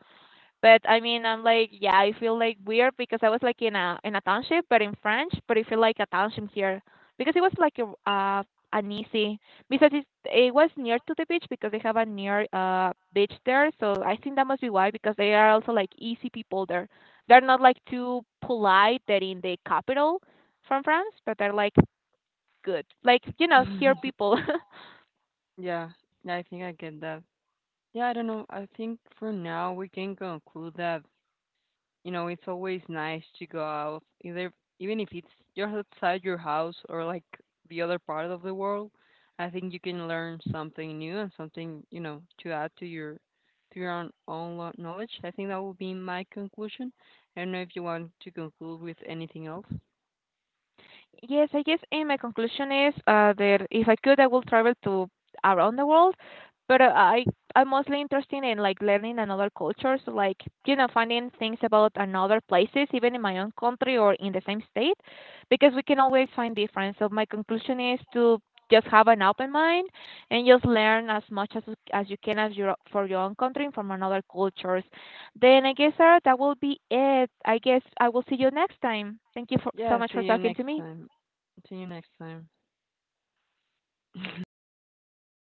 Speaker 1: but I mean, I'm like, yeah, I feel like weird because I was like in a in a township, but in French, but it feel like a township here, because it was like a uh, an easy, because it it was near to the beach, because they have a near uh beach there, so I think that must be why, because they are also like easy people there. They're not like too polite that in the capital from France, but they're like good, like you know, here people.
Speaker 2: Yeah, I think I get that. Yeah, I don't know. I think for now we can conclude that, you know, it's always nice to go out, either even if it's just outside your house or like the other part of the world. I think you can learn something new and something, you know, to add to your to your own, own lo- knowledge. I think that will be my conclusion. I don't know if you want to conclude with anything else.
Speaker 1: Yes, I guess, and my conclusion is uh, that if I could, I will travel to around the world. But uh, I I'm mostly interested in like learning another cultures, like you know, finding things about another places, even in my own country or in the same state, because we can always find difference. So my conclusion is to just have an open mind and just learn as much as as you can as your for your own country and from another cultures. Then I guess, Sarah, that will be it. I guess I will see you next time. Thank you for so
Speaker 2: Yeah,
Speaker 1: much for
Speaker 2: see you
Speaker 1: talking to
Speaker 2: next
Speaker 1: me.
Speaker 2: time. See you next time.